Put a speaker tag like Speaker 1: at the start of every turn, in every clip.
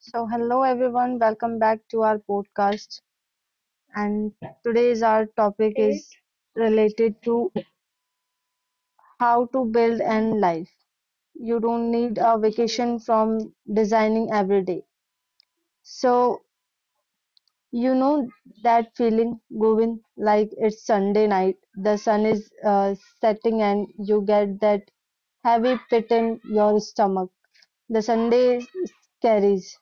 Speaker 1: So, hello everyone, welcome back to our podcast. And today's our topic is related to how to build and life. You don't need a vacation from designing every day. So, you know that feeling, Govind, like it's Sunday night, the sun is setting, and you get that heavy pit in your stomach. The Sunday carries.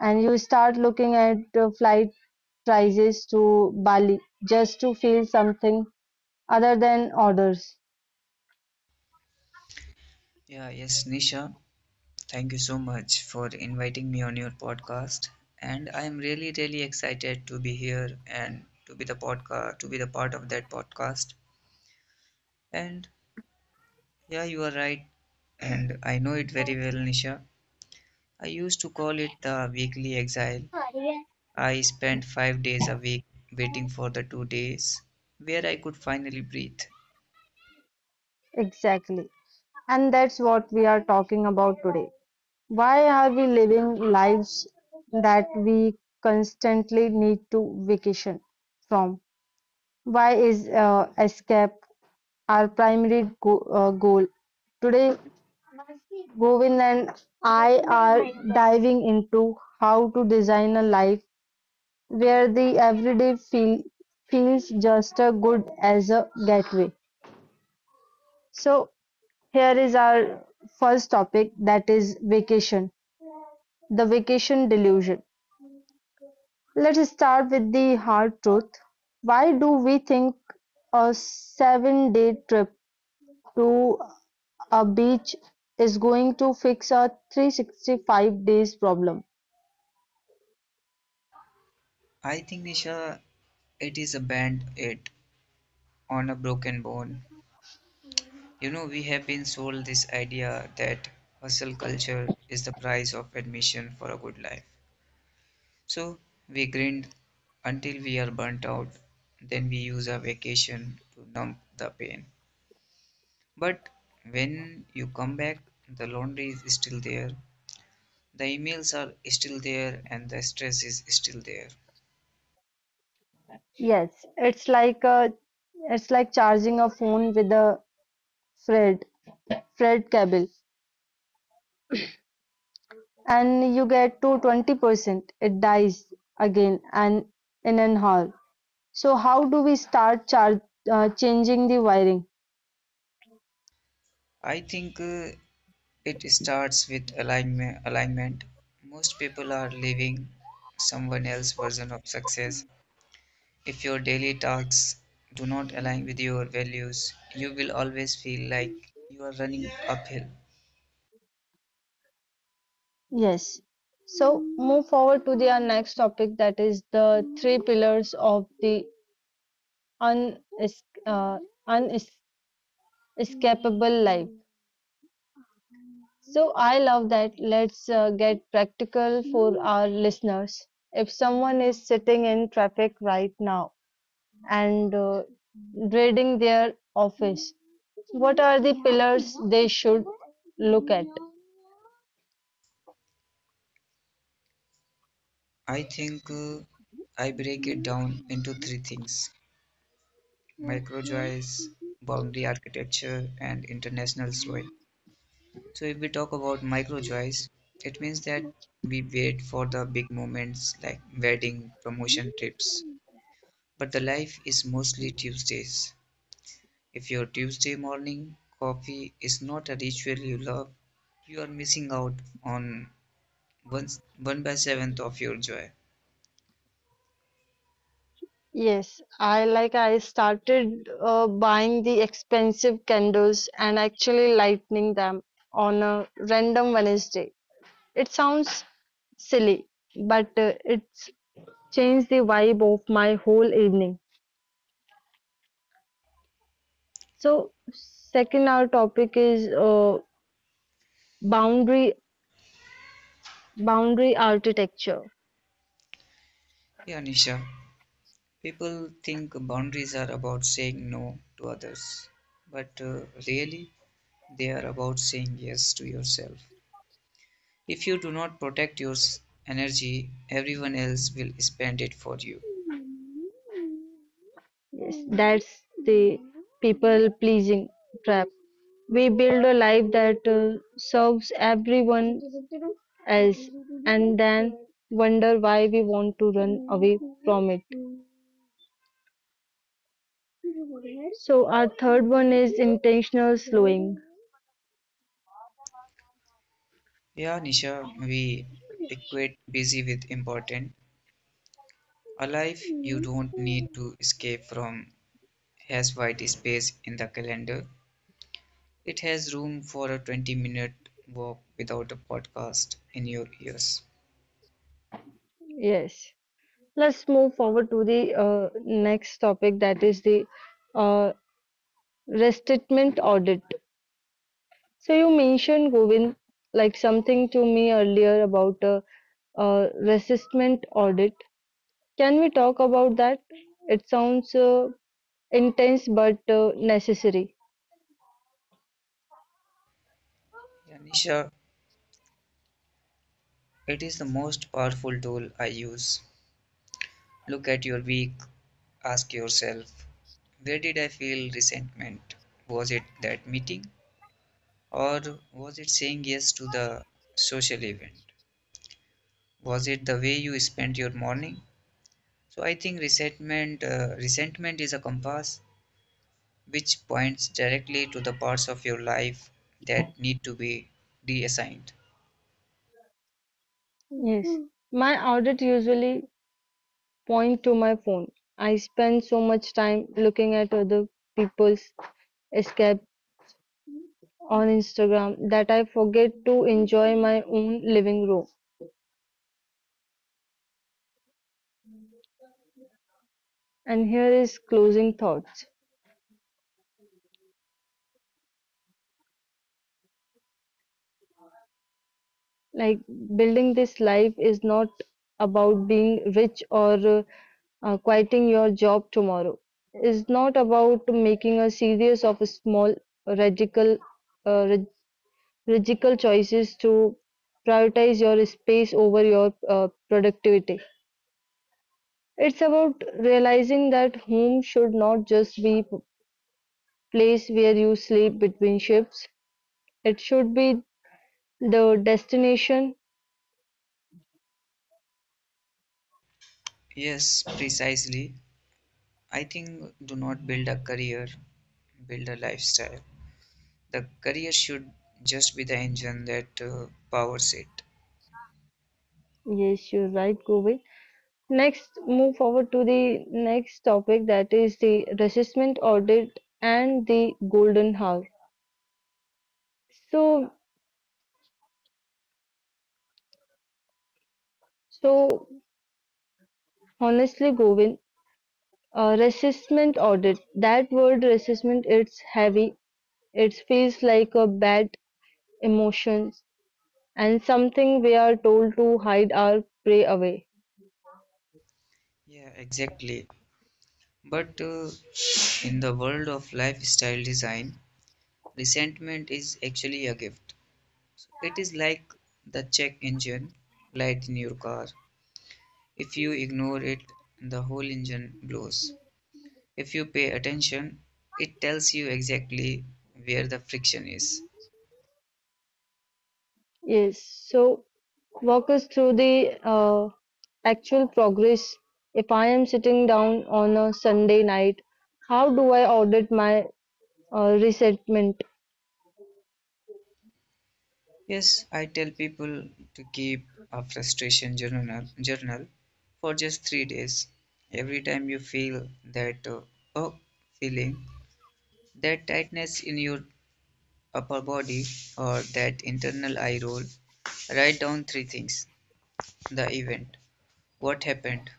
Speaker 1: And you start looking at flight prices to Bali just to feel something other than orders.
Speaker 2: Yeah, yes, Nisha, thank you so much for inviting me on your podcast. And I am really, really excited to be here and to be the podcast, to be the part of that podcast. And yeah, you are right. And I know it very well, Nisha. I used to call it the weekly exile. I spent 5 days a week waiting for the 2 days where I could finally breathe.
Speaker 1: Exactly. And that's what we are talking about today. Why are we living lives that we constantly need to vacation from? Why is escape our primary goal? Today, Govind and I are diving into how to design a life where the everyday feels just as good as a getaway. So here is our first topic, that is vacation, the vacation delusion. Let's start with the hard truth. Why do we think a 7 day trip to a beach is going to fix a 365 days problem?
Speaker 2: I think, Nisha, it is a band it on a broken bone. You know, we have been sold this idea that hustle culture is the price of admission for a good life. So we grind until we are burnt out, then we use our vacation to numb the pain. But when you come back, the laundry is still there, the emails are still there, and the stress is still there.
Speaker 1: Yes, it's like it's like charging a phone with a Fred Fred cable. And you get to 20%, it dies again and in an hall. So how do we start changing the wiring?
Speaker 2: I think it starts with alignment. Alignment. Most people are living someone else's version of success. If your daily tasks do not align with your values, you will always feel like you are running uphill.
Speaker 1: Yes. So move forward to the our next topic, that is the three pillars of the un uh, unescapable life. So I love that. Let's get practical for our listeners. If someone is sitting in traffic right now and dreading their office, what are the pillars they should look at?
Speaker 2: I think I break it down into three things: micro joys, boundary architecture, and international slowing. So, if we talk about micro joys, it means that we wait for the big moments like wedding, promotion trips. But the life is mostly Tuesdays. If your Tuesday morning coffee is not a ritual you love, you are missing out on one, one by seventh of your joy.
Speaker 1: Yes, I like I started buying the expensive candles and actually lighting them on a random Wednesday. It sounds silly, but it's changed the vibe of my whole evening. So, second our topic is boundary boundary architecture.
Speaker 2: Yeah, Nisha, people think boundaries are about saying no to others, but really they are about saying yes to yourself. If you do not protect your energy, everyone else will spend it for you.
Speaker 1: Yes, that's the people pleasing trap. We build a life that serves everyone else and then wonder why we want to run away from it. So, our third one is intentional slowing.
Speaker 2: Yeah, Nisha, we equate busy with important. A life you don't need to escape from has white space in the calendar. It has room for a 20-minute walk without a podcast in your ears.
Speaker 1: Yes. Let's move forward to the next topic, that is the uh, restatement audit. So you mentioned Govind like something to me earlier about a, restatement audit. Can we talk about that? It sounds intense but necessary.
Speaker 2: Yeah, Nisha, it is the most powerful tool I use. Look at your week, ask yourself, where did I feel resentment? Was it that meeting? Or was it saying yes to the social event? Was it the way you spent your morning? So I think resentment is a compass which points directly to the parts of your life that need to be reassigned.
Speaker 1: Yes. My audit usually point to my phone. I spend so much time looking at other people's escape on Instagram that I forget to enjoy my own living room. And here is closing thoughts. Like building this life is not about being rich or quitting your job tomorrow. It's not about making a series of small radical uh, logical choices to prioritize your space over your productivity. It's about realizing that home should not just be place where you sleep between shifts. It should be the destination.
Speaker 2: Yes, precisely. I think do not build a career, build a lifestyle. The career should just be the engine that powers it.
Speaker 1: Yes, you're right, Govind. Next, move forward to the next topic, that is the resistment audit and the golden hour. So, so honestly, Govind, a resistment audit. That word resistment, it's heavy. It feels like a bad emotion and something we are told to hide or pray away.
Speaker 2: Yeah, exactly. But in the world of lifestyle design, resentment is actually a gift. So it is like the check engine light in your car. If you ignore it, the whole engine blows. If you pay attention, it tells you exactly where the friction is.
Speaker 1: Yes. So walk us through the actual progress. If I am sitting down on a Sunday night, how do I audit my resentment?
Speaker 2: Yes, I tell people to keep a frustration journal for just 3 days. Every time you feel that oh, feeling, that tightness in your upper body or that internal eye roll, write down three things: the event, what happened.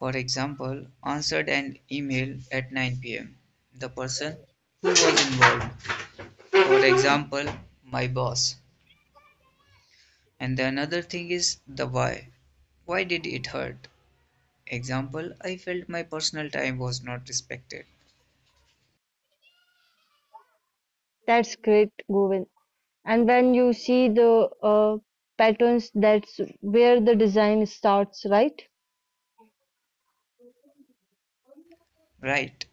Speaker 2: For example, answered an email at 9 p.m., the person who was involved. For example, my boss. And the another thing is the why. Why did it hurt? Example, I felt my personal time was not respected.
Speaker 1: That's great, Govind. And when you see the patterns, that's where the design starts, right?
Speaker 2: Right.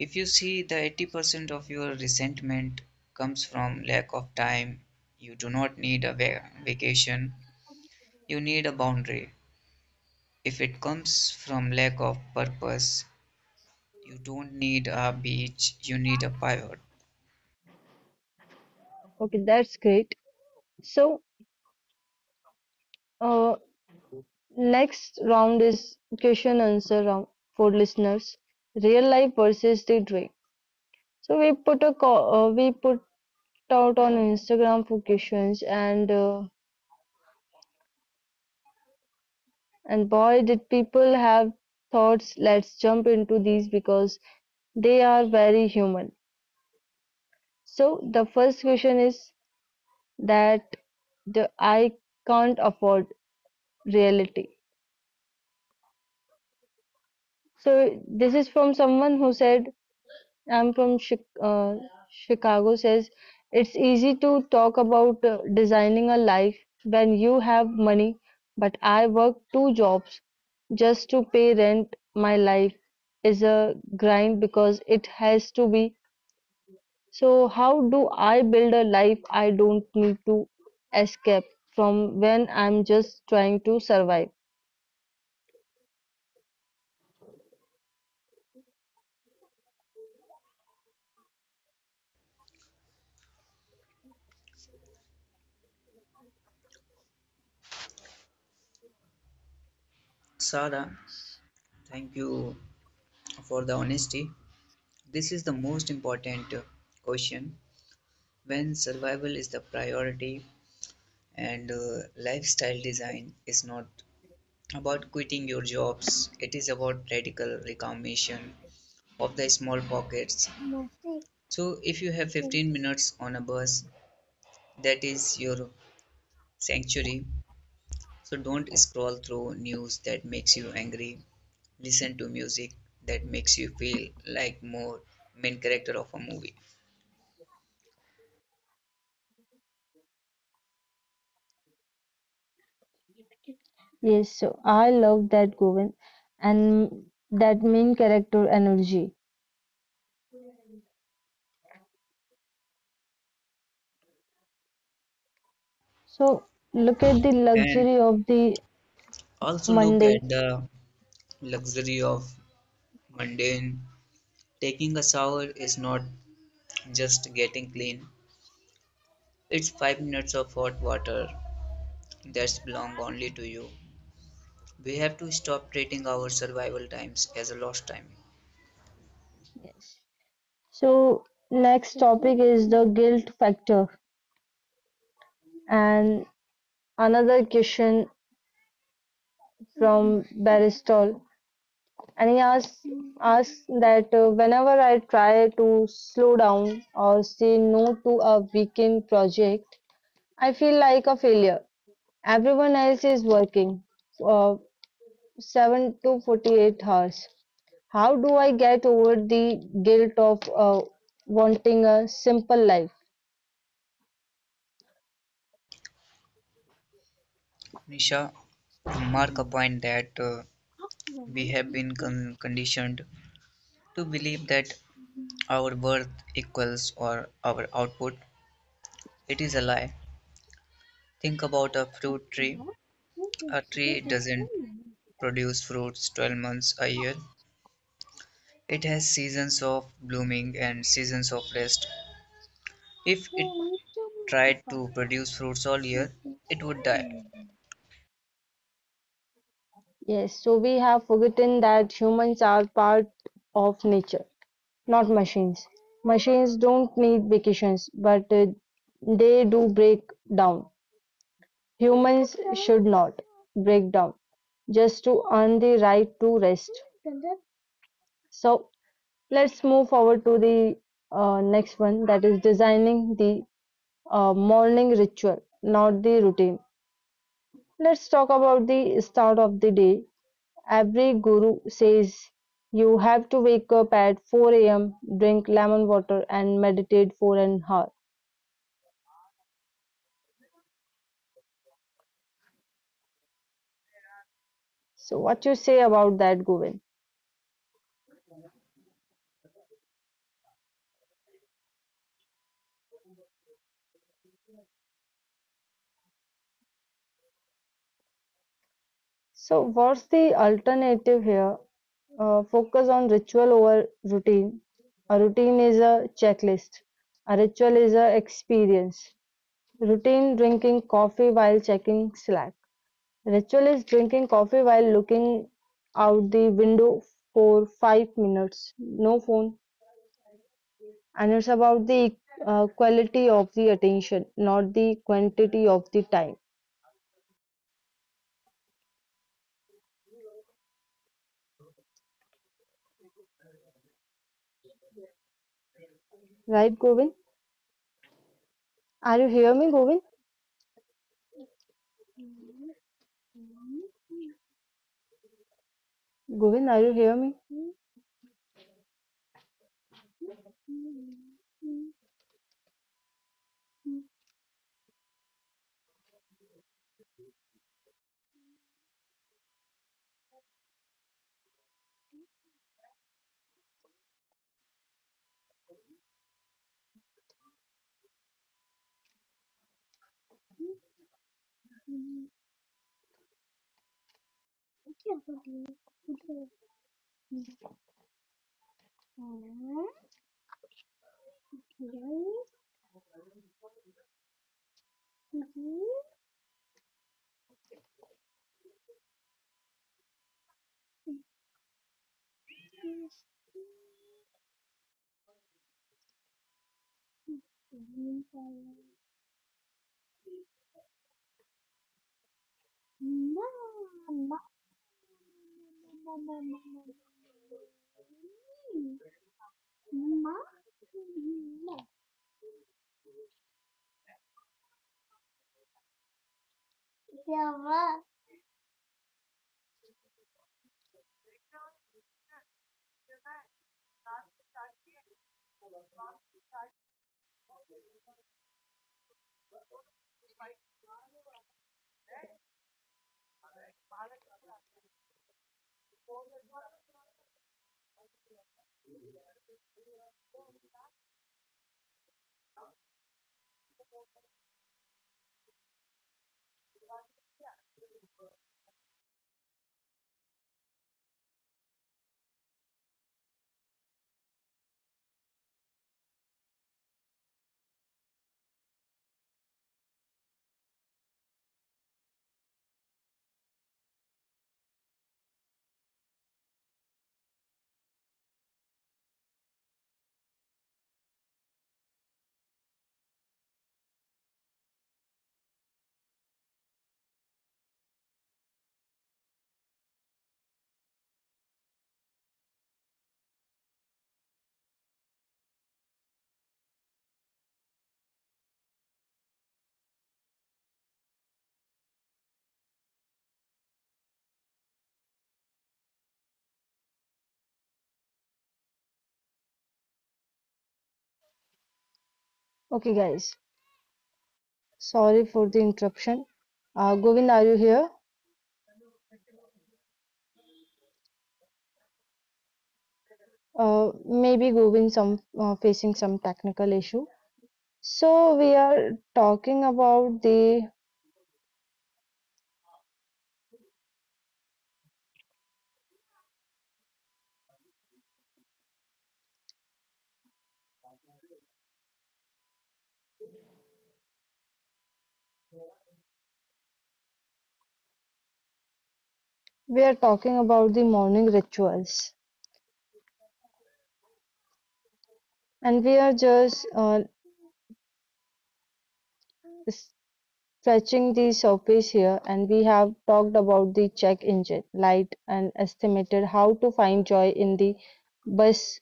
Speaker 2: If you see the 80% of your resentment comes from lack of time, you do not need a vacation, you need a boundary. If it comes from lack of purpose, you don't need a beach, you need a pivot.
Speaker 1: Okay, that's great. So, uh, next round is question answer round for listeners. Real life versus the dream. So we put a we put out on Instagram for questions, and boy did people have thoughts. Let's jump into these because they are very human. So the first question is that the I can't afford reality. So this is from someone who said I'm from Chicago, says it's easy to talk about designing a life when you have money, but I work two jobs just to pay rent. My life is a grind because it has to be. So how do I build a life I don't need to escape from when I'm just trying to survive?
Speaker 2: Sarah, thank you for the honesty. This is the most important question when survival is the priority, and lifestyle design is not about quitting your jobs, it is about radical reclamation of the small pockets. So, if you have 15 minutes on a bus, that is your sanctuary. So, don't scroll through news that makes you angry, listen to music that makes you feel like more main character of a movie,
Speaker 1: Yes, so I love that Govind and that main character energy. So look at the
Speaker 2: and
Speaker 1: luxury of the
Speaker 2: also look at
Speaker 1: Monday.
Speaker 2: the luxury of mundane. Taking a shower is not just getting clean, it's 5 minutes of hot water that's belong only to you. We have to stop treating our survival times as a lost time.
Speaker 1: Yes. So next topic is the guilt factor and another question from Baristol. And he asks that whenever I try to slow down or say no to a weekend project, I feel like a failure. Everyone else is working uh, 7 to 48 hours. How do I get over the guilt of wanting a simple life?
Speaker 2: Nisha, mark a point that we have been conditioned to believe that our worth equals or our output. It is a lie. Think about a fruit tree. A tree doesn't produce fruits 12 months a year. It has seasons of blooming and seasons of rest. If it tried to produce fruits all year, it would die.
Speaker 1: Yes, so we have forgotten that humans are part of nature, not machines. Machines don't need vacations, but they do break down. Humans should not break down just to earn the right to rest. So let's move forward to the next one, that is designing the morning ritual, not the routine. Let's talk about the start of the day. Every guru says you have to wake up at 4 a.m., drink lemon water, and meditate for an hour. So, what you say about that, Govind? So, what's the alternative here? Focus on ritual over routine. A routine is a checklist. A ritual is a experience. Routine drinking coffee while checking Slack. Rachel is drinking coffee while looking out the window for 5 minutes. No phone. And it's about the quality of the attention, not the quantity of the time. Right, Govind? Are you hear me, Govind? Govind, are you hear me? Okay, guys. Sorry for the interruption. Govind, are you here? Maybe Govind some facing some technical issue. So we are talking about the we are talking about the morning rituals, and we are just stretching the surface here, and we have talked about the check engine light and estimated how to find joy in the bus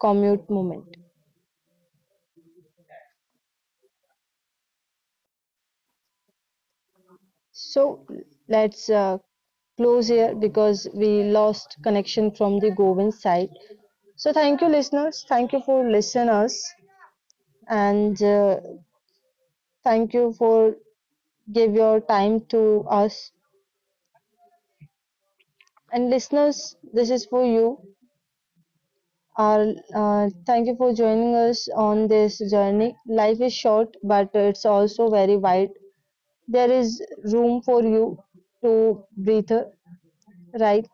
Speaker 1: commute moment. So let's close here because we lost connection from the Govind side. So thank you, listeners. Thank you for listeners, and thank you for give your time to us. And listeners, this is for you. Our, thank you for joining us on this journey. Life is short, but it's also very wide. There is room for you to breathe right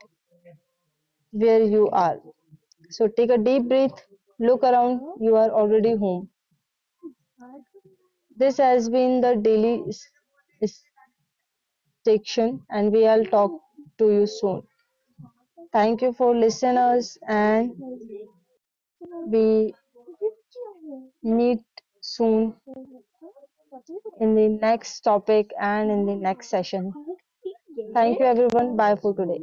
Speaker 1: where you are. So take a deep breath, look around, you are already home. This has been the daily s- section, and we will talk to you soon. Thank you for listeners, and we meet soon in the next topic and in the next session. Thank you, everyone. Bye for today.